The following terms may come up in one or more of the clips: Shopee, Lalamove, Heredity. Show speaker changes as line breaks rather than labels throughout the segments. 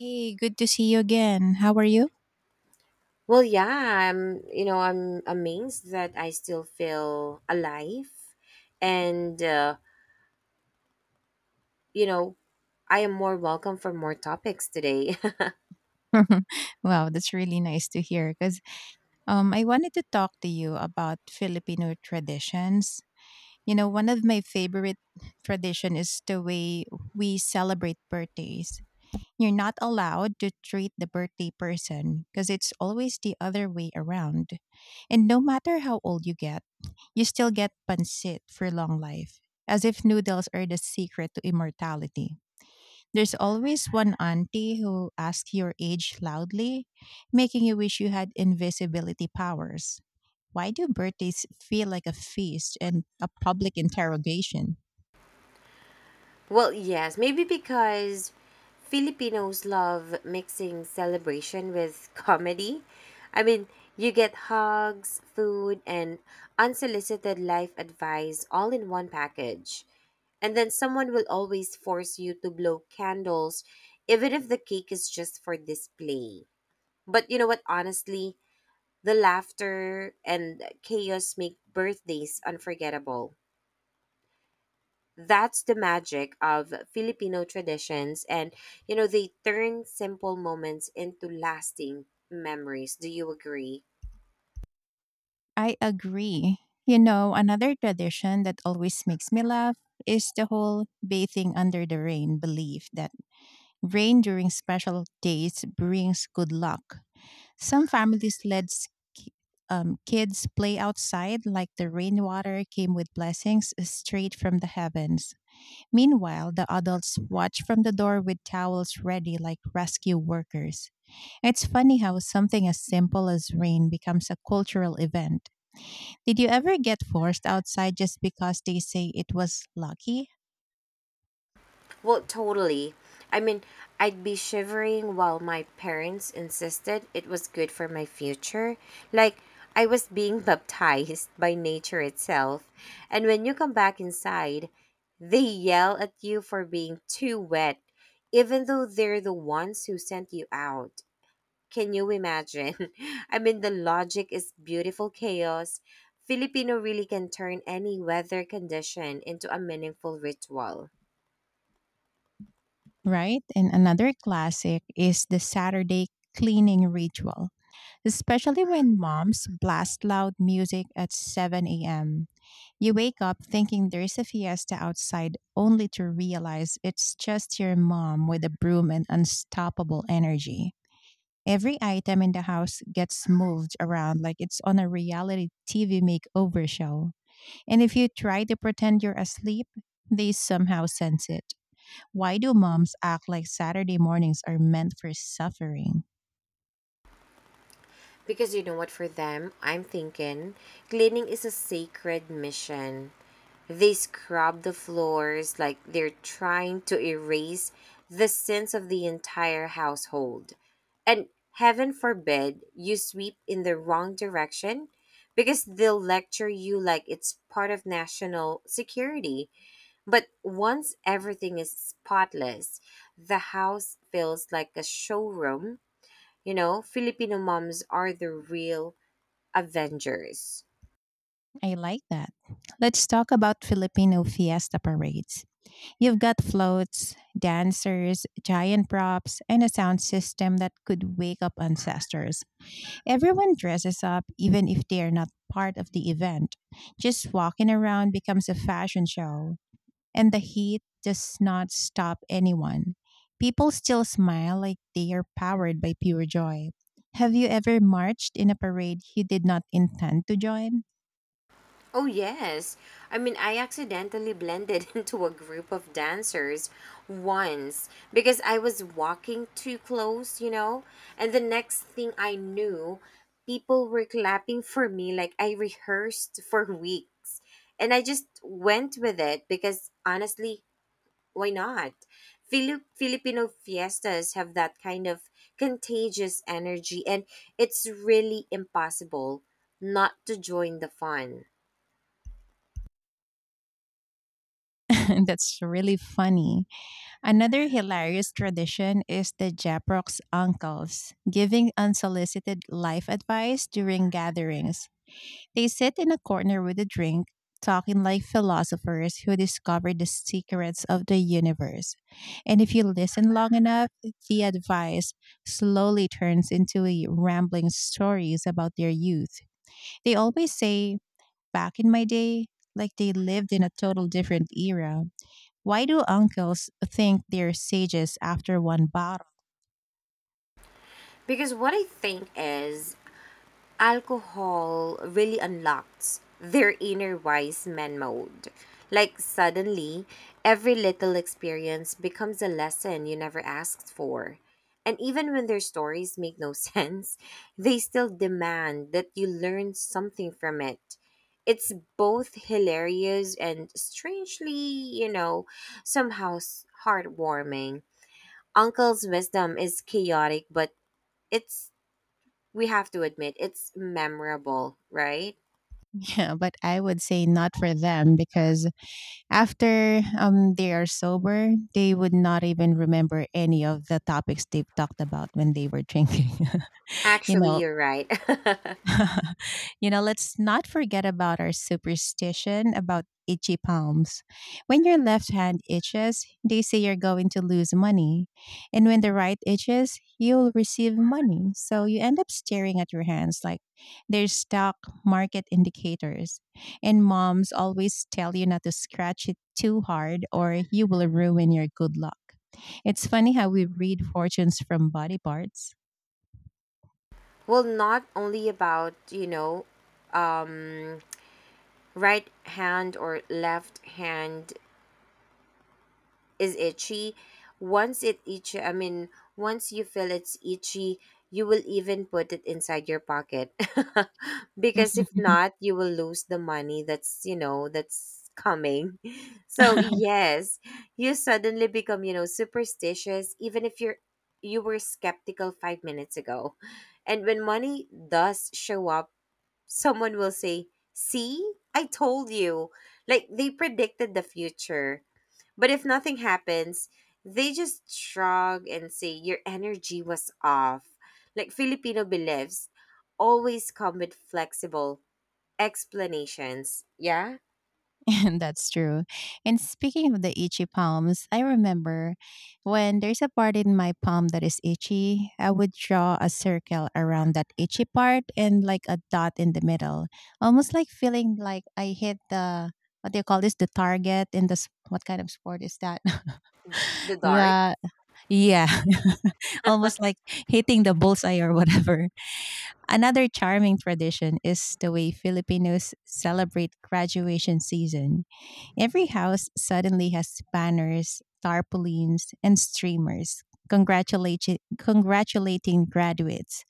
Hey, good to see you again. How are you?
Well, yeah, I'm amazed that I still feel alive. And, you know, I am more welcome for more topics today.
Wow, that's really nice to hear because I wanted to talk to you about Filipino traditions. You know, one of my favorite tradition is the way we celebrate birthdays. You're not allowed to treat the birthday person because it's always the other way around. And no matter how old you get, you still get pancit for long life, as if noodles are the secret to immortality. There's always one auntie who asks your age loudly, making you wish you had invisibility powers. Why do birthdays feel like a feast and a public interrogation?
Well, yes, maybe because Filipinos love mixing celebration with comedy. I mean, you get hugs, food, and unsolicited life advice all in one package. And then someone will always force you to blow candles, even if the cake is just for display. But you know what? Honestly, the laughter and chaos make birthdays unforgettable. That's the magic of Filipino traditions. And, they turn simple moments into lasting memories. Do you agree?
I agree. You know, another tradition that always makes me laugh is the whole bathing under the rain belief that rain during special days brings good luck. Some families let ki- kids play outside like the rainwater came with blessings straight from the heavens. Meanwhile, the adults watch from the door with towels ready like rescue workers. It's funny how something as simple as rain becomes a cultural event. Did you ever get forced outside just because they say it was lucky?
Well, totally. I mean, I'd be shivering while my parents insisted it was good for my future. Like, I was being baptized by nature itself. And when you come back inside, they yell at you for being too wet, even though they're the ones who sent you out. Can you imagine? I mean, the logic is beautiful chaos. Filipino really can turn any weather condition into a meaningful ritual.
Right? And another classic is the Saturday cleaning ritual, especially when moms blast loud music at 7 a.m. You wake up thinking there's a fiesta outside, only to realize it's just your mom with a broom and unstoppable energy. Every item in the house gets moved around like it's on a reality TV makeover show. And if you try to pretend you're asleep, they somehow sense it. Why do moms act like Saturday mornings are meant for suffering?
Because you know what, for them, I'm thinking cleaning is a sacred mission. They scrub the floors like they're trying to erase the sins of the entire household. And heaven forbid you sweep in the wrong direction because they'll lecture you like it's part of national security. But once everything is spotless, the house feels like a showroom. You know, Filipino moms are the real Avengers.
I like that. Let's talk about Filipino fiesta parades. You've got floats, dancers, giant props, and a sound system that could wake up ancestors. Everyone dresses up, even if they are not part of the event. Just walking around becomes a fashion show. And the heat does not stop anyone. People still smile like they are powered by pure joy. Have you ever marched in a parade you did not intend to join?
Oh, yes. I mean, I accidentally blended into a group of dancers once because I was walking too close, you know? And the next thing I knew, people were clapping for me like I rehearsed for weeks. And I just went with it because honestly, why not? Filipino fiestas have that kind of contagious energy, and it's really impossible not to join the fun.
That's really funny. Another hilarious tradition is the Japrock's uncles giving unsolicited life advice during gatherings. They sit in a corner with a drink, talking like philosophers who discovered the secrets of the universe. And if you listen long enough, the advice slowly turns into a rambling stories about their youth. They always say, back in my day, like they lived in a total different era. Why do uncles think they're sages after one bottle?
Because what I think is, alcohol really unlocks their inner wise man mode. Like suddenly, every little experience becomes a lesson you never asked for. And even when their stories make no sense, they still demand that you learn something from it. It's both hilarious and strangely, somehow heartwarming. Uncle's wisdom is chaotic, but it's we have to admit it's memorable, right?
Yeah, but I would say not for them because after they are sober, they would not even remember any of the topics they've talked about when they were drinking. you
Actually,
know,
you're right.
you know, let's not forget about our superstition about itchy palms. When your left hand itches, they say you're going to lose money. And when the right itches, you'll receive money. So you end up staring at your hands like they're stock market indicators. And moms always tell you not to scratch it too hard or you will ruin your good luck. It's funny how we read fortunes from body parts.
Well, not only about, um, right hand or left hand is itchy. once it itchy i mean Once you feel it's itchy, you will even put it inside your pocket because if not, you will lose the money that's you know that's coming. So yes, you suddenly become superstitious even if you were skeptical 5 minutes ago. And when money does show up, someone will say, see, I told you, like they predicted the future. But if nothing happens, they just shrug and say your energy was off. Like Filipino beliefs always come with flexible explanations. Yeah?
And that's true. And speaking of the itchy palms, I remember when there's a part in my palm that is itchy, I would draw a circle around that itchy part and like a dot in the middle, almost like feeling like I hit the, what do you call this? The target in the s- what kind of sport is that?
The dart?
the Yeah, almost like hitting the bullseye or whatever. Another charming tradition is the way Filipinos celebrate graduation season. Every house suddenly has banners, tarpaulins, and streamers congratulating graduates.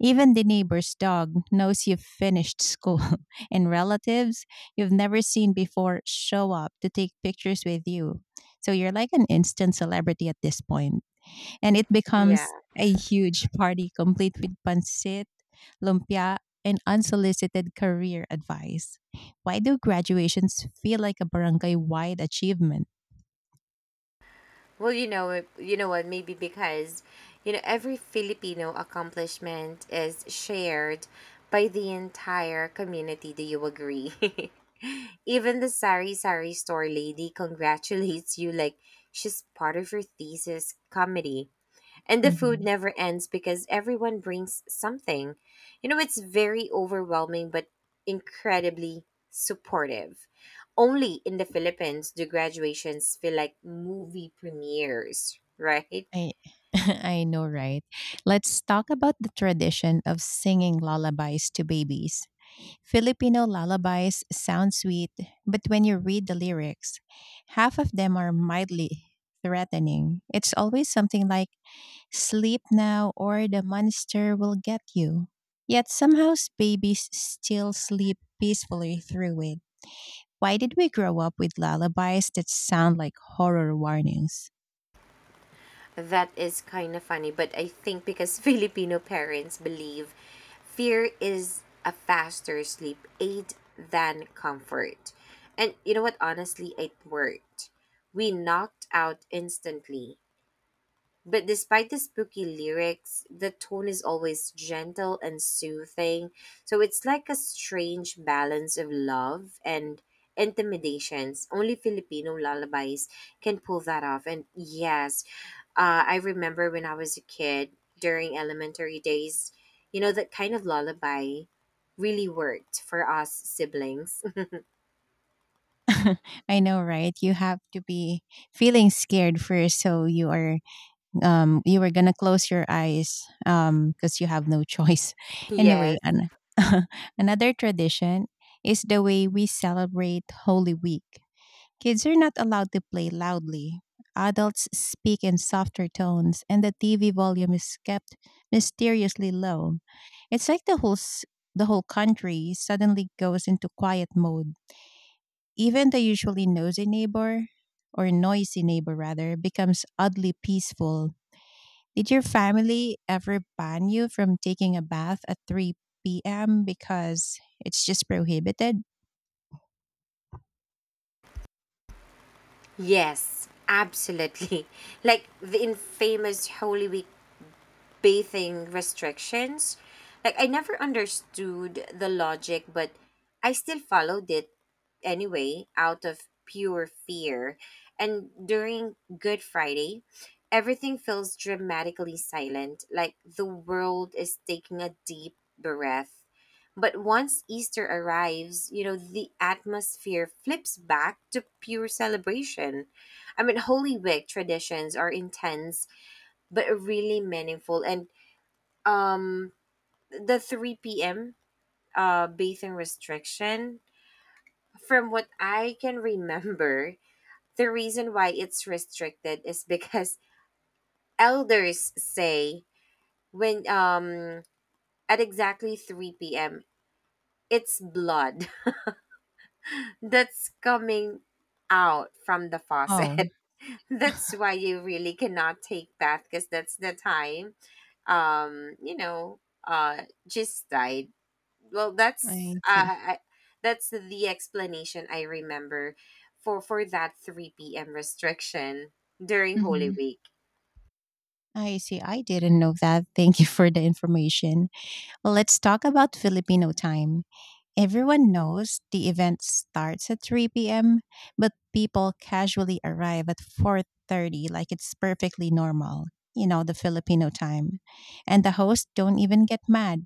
Even the neighbor's dog knows you've finished school, and relatives you've never seen before show up to take pictures with you. So you're like an instant celebrity at this point, and it
Yeah.
becomes a huge party complete with pancit, lumpia, and unsolicited career advice. Why do graduations feel like a barangay wide achievement?
Well, you know what, maybe because every Filipino accomplishment is shared by the entire community. Do you agree? Even the sari sari store lady congratulates you like she's part of your thesis committee. And the food
Mhm.
never ends because everyone brings something. You know, it's very overwhelming but incredibly supportive. Only in the Philippines do graduations feel like movie premieres, right?
I I know, right? Let's talk about the tradition of singing lullabies to babies. Filipino lullabies sound sweet, but when you read the lyrics, half of them are mildly threatening. It's always something like, sleep now or the monster will get you. Yet somehow babies still sleep peacefully through it. Why did we grow up with lullabies that sound like horror warnings?
That is kind of funny, but I think because Filipino parents believe fear is a faster sleep aid than comfort. And you know what? Honestly, it worked. We knocked out instantly. But despite the spooky lyrics, the tone is always gentle and soothing. So it's like a strange balance of love and intimidations. Only Filipino lullabies can pull that off. And yes, I remember when I was a kid during elementary days, that kind of lullaby really worked for us siblings.
I know, right? You have to be feeling scared first, so you were gonna close your eyes because you have no choice. Anyway,
Yes,
another tradition is the way we celebrate Holy Week. Kids are not allowed to play loudly. Adults speak in softer tones, and the TV volume is kept mysteriously low. It's like the whole country suddenly goes into quiet mode. Even the usually nosy neighbor or noisy neighbor rather becomes oddly peaceful. Did your family ever ban you from taking a bath at 3 p.m. because it's just prohibited?
yes, absolutely. Like the infamous Holy Week bathing restrictions. Like I never understood the logic, but I still followed it anyway out of pure fear. And during Good Friday, everything feels dramatically silent, like the world is taking a deep breath. But once Easter arrives, the atmosphere flips back to pure celebration. I mean, Holy Week traditions are intense but really meaningful. And um the 3 p.m. Bathing restriction, from what I can remember, the reason why it's restricted is because elders say, when at exactly 3 p.m., it's blood that's coming out from the faucet.
Oh,
That's why you really cannot take bath because that's the time um you know just died. Well,
I see.
that's the explanation I remember for that 3 p.m restriction during Holy
Hmm.
Week.
I see. I didn't know that. Thank you for the information. Well, let's talk about Filipino time. Everyone knows the event starts at 3 p.m., but people casually arrive at 4:30 like it's perfectly normal, the Filipino time. And the hosts don't even get mad.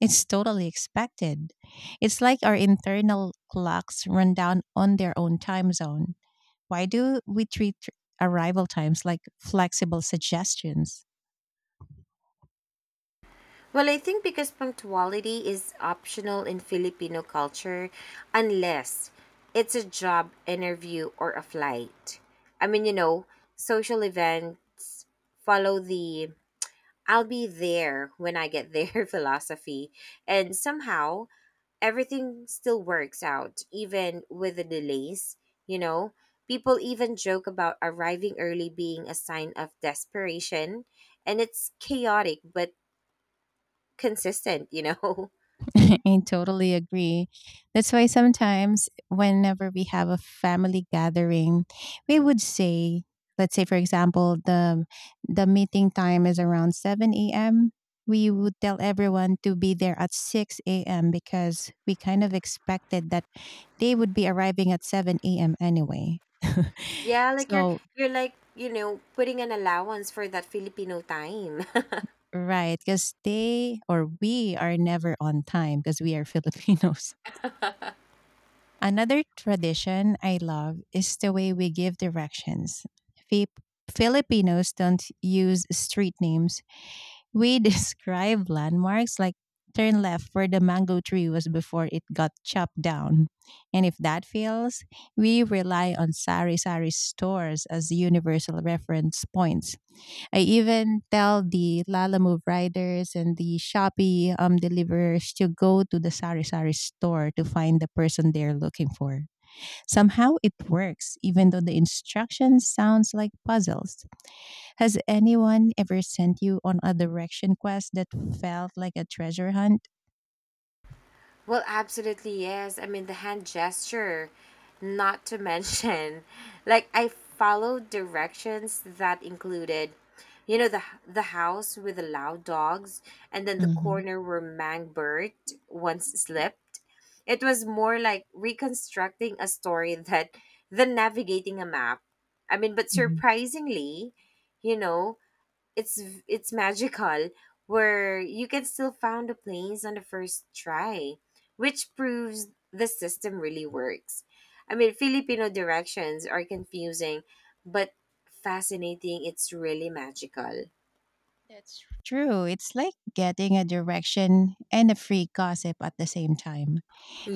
It's totally expected. It's like our internal clocks run down on their own time zone. Why do we treat arrival times like flexible suggestions?
Well, I think because punctuality is optional in Filipino culture unless it's a job interview or a flight. I mean, social event, follow the I'll be there when I get there philosophy. And somehow everything still works out, even with the delays, you know. People even joke about arriving early being a sign of desperation, and it's chaotic but consistent.
I totally agree. That's why sometimes, whenever we have a family gathering, we would say, let's say, for example, the meeting time is around 7 a.m. We would tell everyone to be there at 6 a.m. because we kind of expected that they would be arriving at 7 a.m. anyway.
Yeah, like you're
So,
you're like, putting an allowance for that Filipino time.
right, because they or we are never on time because we are Filipinos. Another tradition I love is the way we give directions. Fip- Filipinos don't use street names. We describe landmarks like turn left where the mango tree was before it got chopped down. And if that fails, we rely on sari sari stores as universal reference points. I even tell the Lalamove riders and the Shopee deliverers to go to the sari sari store to find the person they're looking for. Somehow it works, even though the instructions sounds like puzzles. Has anyone ever sent you on a direction quest that felt like a treasure hunt?
Well, absolutely, yes. I mean, the hand gesture, not to mention, like I followed directions that included, the house with the loud dogs, and then the
Hmm,
corner where Mangbert once slept. It was more like reconstructing a story that than navigating a map. I mean, but
hmm.
surprisingly, you know, it's it's magical where you can still found the planes on the first try, which proves the system really works. I mean, Filipino directions are confusing but fascinating. It's really magical.
True, it's like getting a direction and a free gossip at the same time.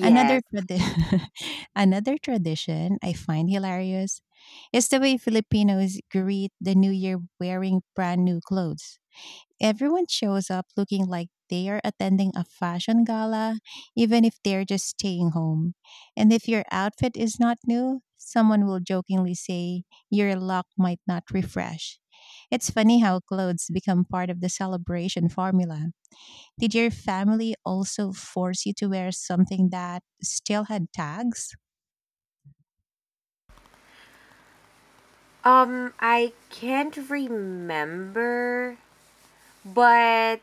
Another another tradition I find hilarious is the way Filipinos greet the New Year wearing brand new clothes. Everyone shows up looking like they are attending a fashion gala, even if they're just staying home. And if your outfit is not new, someone will jokingly say, your luck might not refresh. It's funny how clothes become part of the celebration formula. Did your family also force you to wear something that still had tags?
I can't remember, but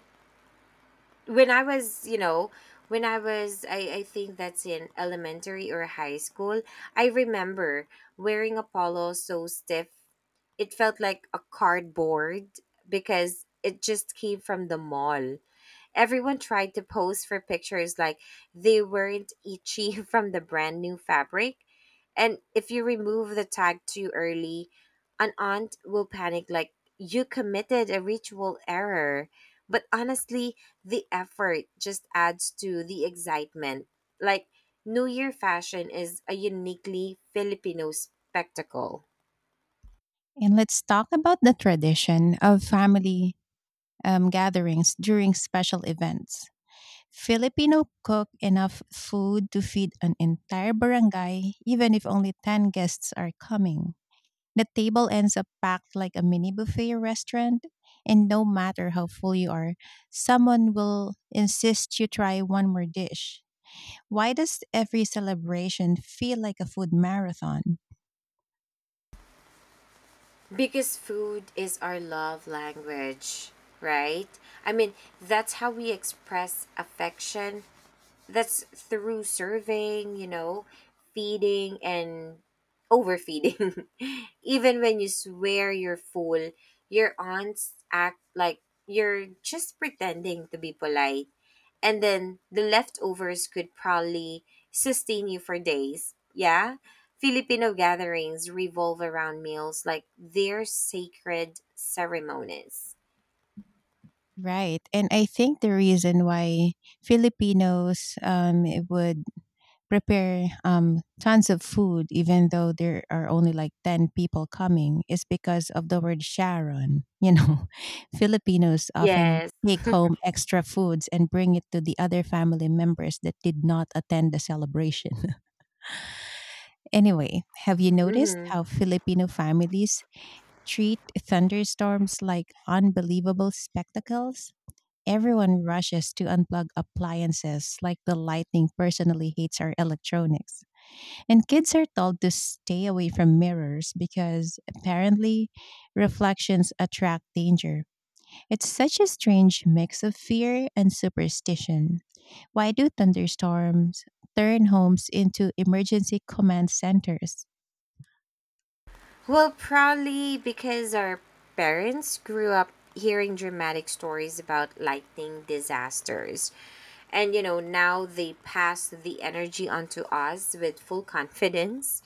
when I was, you know, when I was, I think that's in elementary or high school. I remember wearing a polo so stiff, it felt like a cardboard because it just came from the mall. Everyone tried to pose for pictures like they weren't itchy from the brand new fabric. And if you remove the tag too early, an aunt will panic like you committed a ritual error. But honestly, the effort just adds to the excitement. Like, New Year fashion is a uniquely Filipino spectacle.
And let's talk about the tradition of family gatherings during special events. Filipino cook enough food to feed an entire barangay, even if only 10 guests are coming. The table ends up packed like a mini buffet restaurant, and no matter how full you are, someone will insist you try one more dish. Why does every celebration feel like a food marathon?
Because food is our love language, right? I mean, that's how we express affection, that's through serving, feeding and overfeeding. Even when you swear you're full, your aunts act like you're just pretending to be polite. And then the leftovers could probably sustain you for days. Yeah? Filipino gatherings revolve around meals like they're sacred ceremonies.
Right. And I think the reason why Filipinos would prepare tons of food, even though there are only like 10 people coming, is because of the word Sharon. You know, Filipinos often
Yes.
take home extra foods and bring it to the other family members that did not attend the celebration. Anyway, have you noticed
Mm-hmm.
how Filipino families treat thunderstorms like unbelievable spectacles? Everyone rushes to unplug appliances like the lightning personally hates our electronics. And kids are told to stay away from mirrors because apparently reflections attract danger. It's such a strange mix of fear and superstition. Why do thunderstorms turn homes into emergency command centers?
Well, probably because our parents grew up hearing dramatic stories about lightning disasters. And now they pass the energy onto us with full confidence.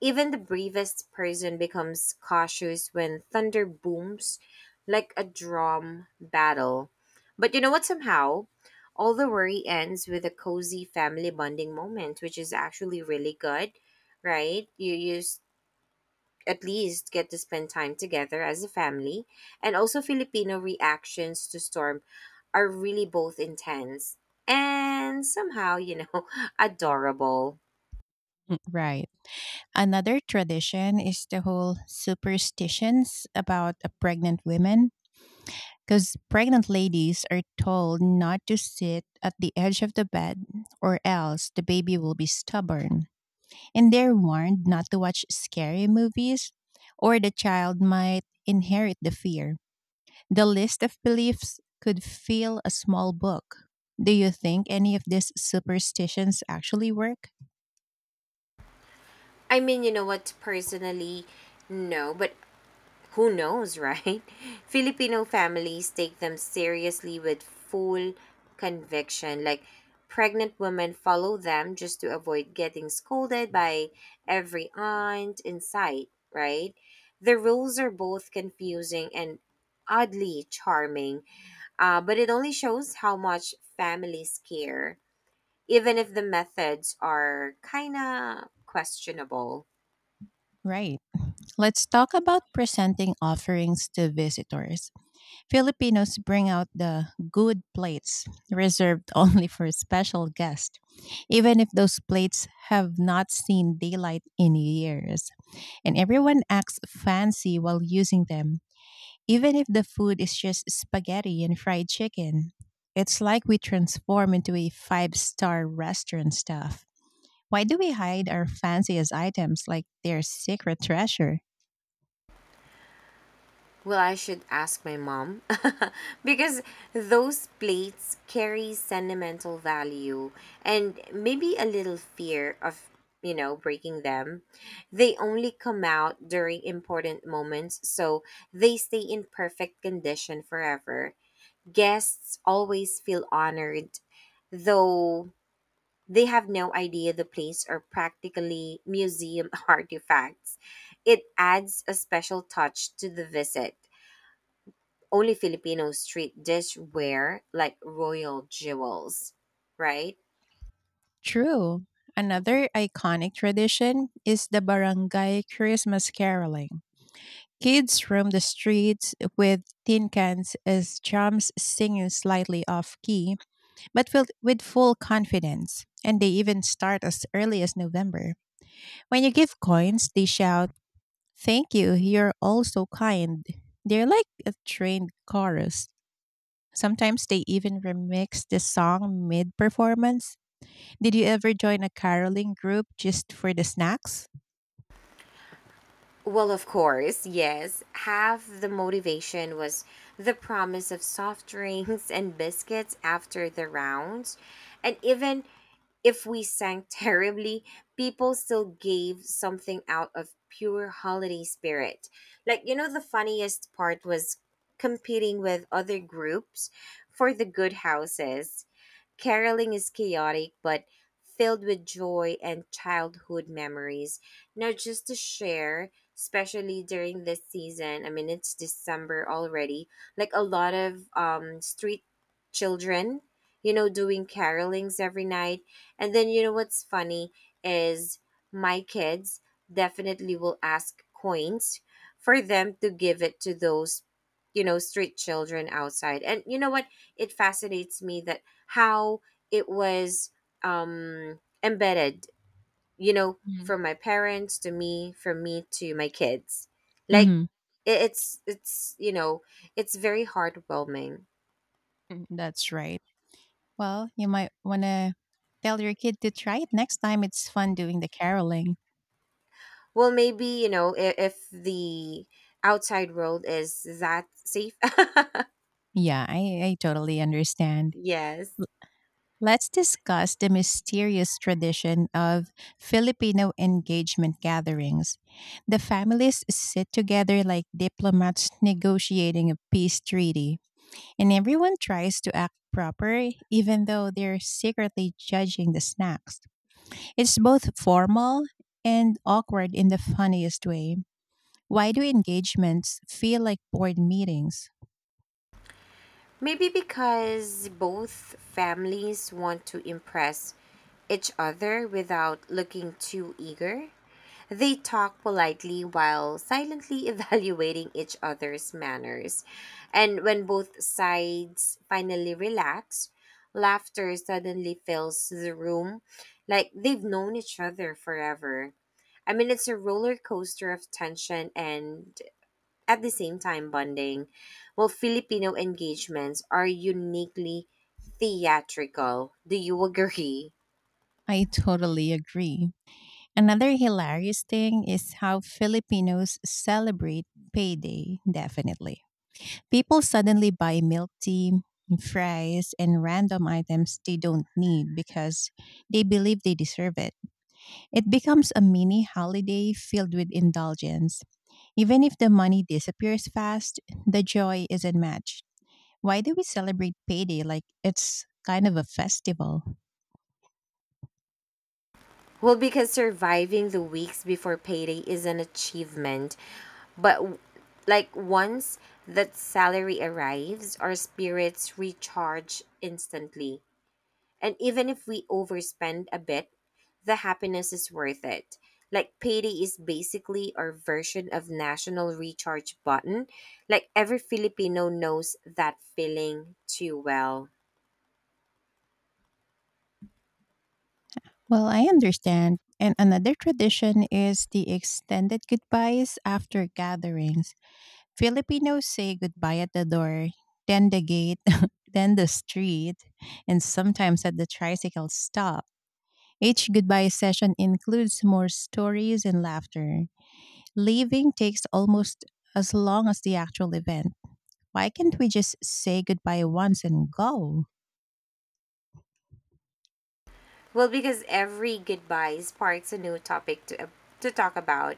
Even the bravest person becomes cautious when thunder booms like a drum battle. But you know what? Somehow, all the worry ends with a cozy family bonding moment, which is actually really good, right? You use at least get to spend time together as a family. And also, Filipino reactions to Storm are really both intense and somehow, adorable.
Right. Another tradition is the whole superstitions about a pregnant women, because pregnant ladies are told not to sit at the edge of the bed or else the baby will be stubborn. And they're warned not to watch scary movies or the child might inherit the fear. The list of beliefs could fill a small book. Do you think any of these superstitions actually work?
I mean, you know what, personally, no, but who knows, right? Filipino families take them seriously with full conviction. Like, pregnant women follow them just to avoid getting scolded by every aunt in sight, right? The rules are both confusing and oddly charming, but it only shows how much families care, even if the methods are kind of questionable.
Right. Let's talk about presenting offerings to visitors. Filipinos bring out the good plates reserved only for special guests, even if those plates have not seen daylight in years. And everyone acts fancy while using them, even if the food is just spaghetti and fried chicken. It's like we transform into a five-star restaurant staff. Why do we hide our fanciest items like they're secret treasure?
Well, I should ask my mom because those plates carry sentimental value and maybe a little fear of, breaking them. They only come out during important moments, so they stay in perfect condition forever. Guests always feel honored, though they have no idea the plates are practically museum artifacts. It adds a special touch to the visit. Only Filipino street dishware like royal jewels, right?
True. Another iconic tradition is the barangay Christmas caroling. Kids roam the streets with tin cans as drums singing slightly off key, but filled with full confidence. And they even start as early as November. When you give coins, they shout, thank you, you're all so kind. They're like a trained chorus. Sometimes they even remix the song mid performance. Did you ever join a caroling group just for the snacks?
Well, of course, yes. Half the motivation was the promise of soft drinks and biscuits after the rounds. And even if we sang terribly, people still gave something out of pure holiday spirit. Like, the funniest part was competing with other groups for the good houses. Caroling is chaotic, but filled with joy and childhood memories. Now, just to share, especially during this season. I mean, it's December already. Like a lot of street children, doing carolings every night. And then you know what's funny is, my kids definitely will ask coins for them to give it to those street children outside. And you know what, it fascinates me that how it was embedded, from my parents to me, from me to my kids. Like
Mm-hmm.
it, it's it's you know, it's very heartwarming.
That's right. Well, you might want to tell your kid to try it next time. It's fun doing the caroling.
Well, maybe if the outside world is that safe.
Yeah, I totally understand.
Yes.
Let's discuss the mysterious tradition of Filipino engagement gatherings. The families sit together like diplomats negotiating a peace treaty, and everyone tries to act proper even though they're secretly judging the snacks. It's both formal and awkward in the funniest way. Why do engagements feel like board meetings?
Maybe because both families want to impress each other without looking too eager. They talk politely while silently evaluating each other's manners. And when both sides finally relax, laughter suddenly fills the room like they've known each other forever. I mean, it's a roller coaster of tension and at the same time bonding, while Filipino engagements are uniquely theatrical. Do you agree?
I totally agree. Another hilarious thing is how Filipinos celebrate payday, definitely. People suddenly buy milk tea, fries, and random items they don't need because they believe they deserve it. It becomes a mini holiday filled with indulgence. Even if the money disappears fast, the joy is not matched. Why do we celebrate payday like it's kind of a festival?
Well, because surviving the weeks before payday is an achievement, but like once that salary arrives, our spirits recharge instantly. And even if we overspend a bit, the happiness is worth it. Like payday is basically our version of national recharge button. Like every Filipino knows that feeling too well.
Well, I understand. And another tradition is the extended goodbyes after gatherings. Filipinos say goodbye at the door, then the gate, then the street, and sometimes at the tricycle stop. Each goodbye session includes more stories and laughter. Leaving takes almost as long as the actual event. Why can't we just say goodbye once and go?
Well, because every goodbye sparks a new topic to talk about,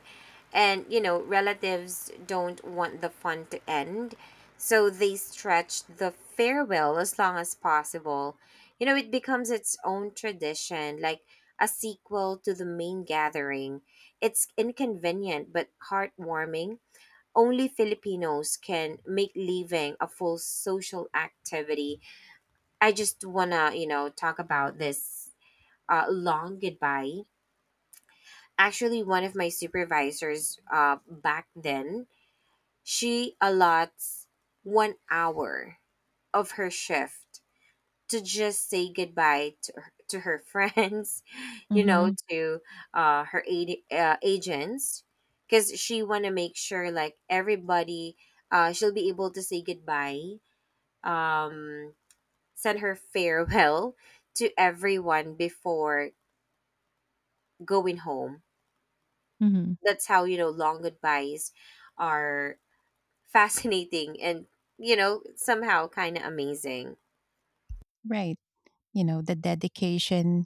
and relatives don't want the fun to end, so they stretch the farewell as long as possible. You know, it becomes its own tradition, like a sequel to the main gathering. It's inconvenient but heartwarming. Only Filipinos can make leaving a full social activity. I just wanna, talk about this long goodbye. Actually, one of my supervisors, back then, she allots 1 hour of her shift to just say goodbye to her friends, you know,
Mhm,
to uh, her aid, agents, because she want to make sure like everybody, she'll be able to say goodbye, um, send her farewell to everyone before going home.
mhm.
That's how long goodbyes are fascinating and somehow kind of amazing.
Right. You know, the dedication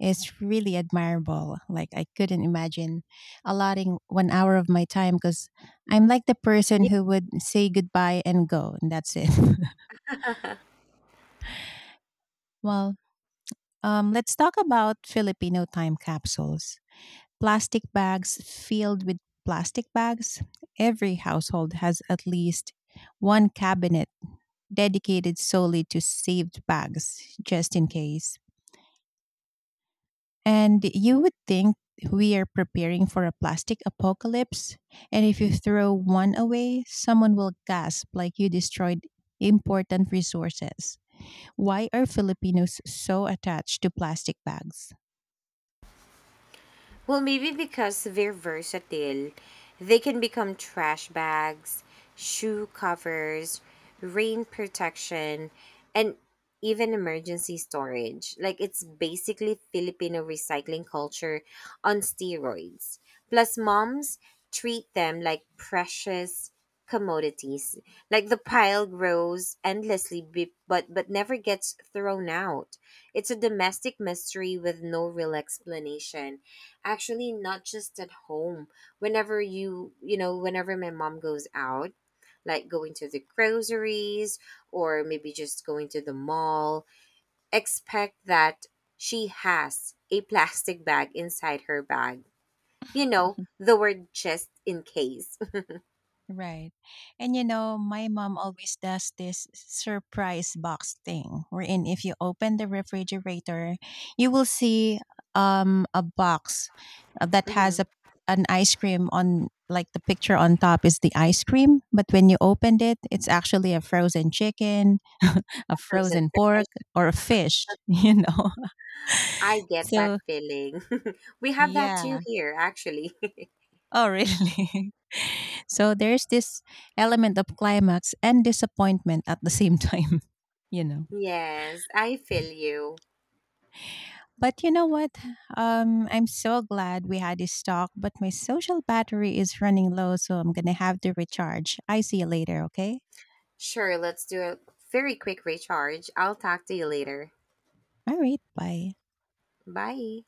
is really admirable. Like, I couldn't imagine allotting 1 hour of my time because I'm like the person who would say goodbye and go and that's it. Well, let's talk about Filipino time capsules. Plastic bags filled with plastic bags. Every household has at least one cabinet dedicated solely to saved bags, just in case. And you would think we are preparing for a plastic apocalypse. And if you throw one away, someone will gasp like you destroyed important resources. Why are Filipinos so attached to plastic bags?
Well, maybe because they're versatile, they can become trash bags, shoe covers, rain protection, and even emergency storage. Like it's basically Filipino recycling culture on steroids. Plus, moms treat them like precious commodities. Like the pile grows endlessly, but never gets thrown out. It's a domestic mystery with no real explanation. Actually, not just at home. Whenever you, you know, whenever my mom goes out, like going to the groceries or maybe just going to the mall, expect that she has a plastic bag inside her bag. You know, the word just in case.
Right. And you know, my mom always does this surprise box thing wherein if you open the refrigerator, you will see a box that has
Mhm.
a an ice cream on, like the picture on top is the ice cream, but when you opened it, it's actually a frozen chicken, a
Frozen.
frozen pork or a fish, you know.
I get that
So,
feeling. We have that too
yeah.
here, actually.
Oh, really? So there's this element of climax and disappointment at the same time, you know.
Yes, I feel you.
But you know what? I'm so glad we had this talk, but my social battery is running low, so I'm going to have to recharge. I see you later, okay?
Sure, let's do a very quick recharge. I'll talk to you later.
All right, bye.
Bye.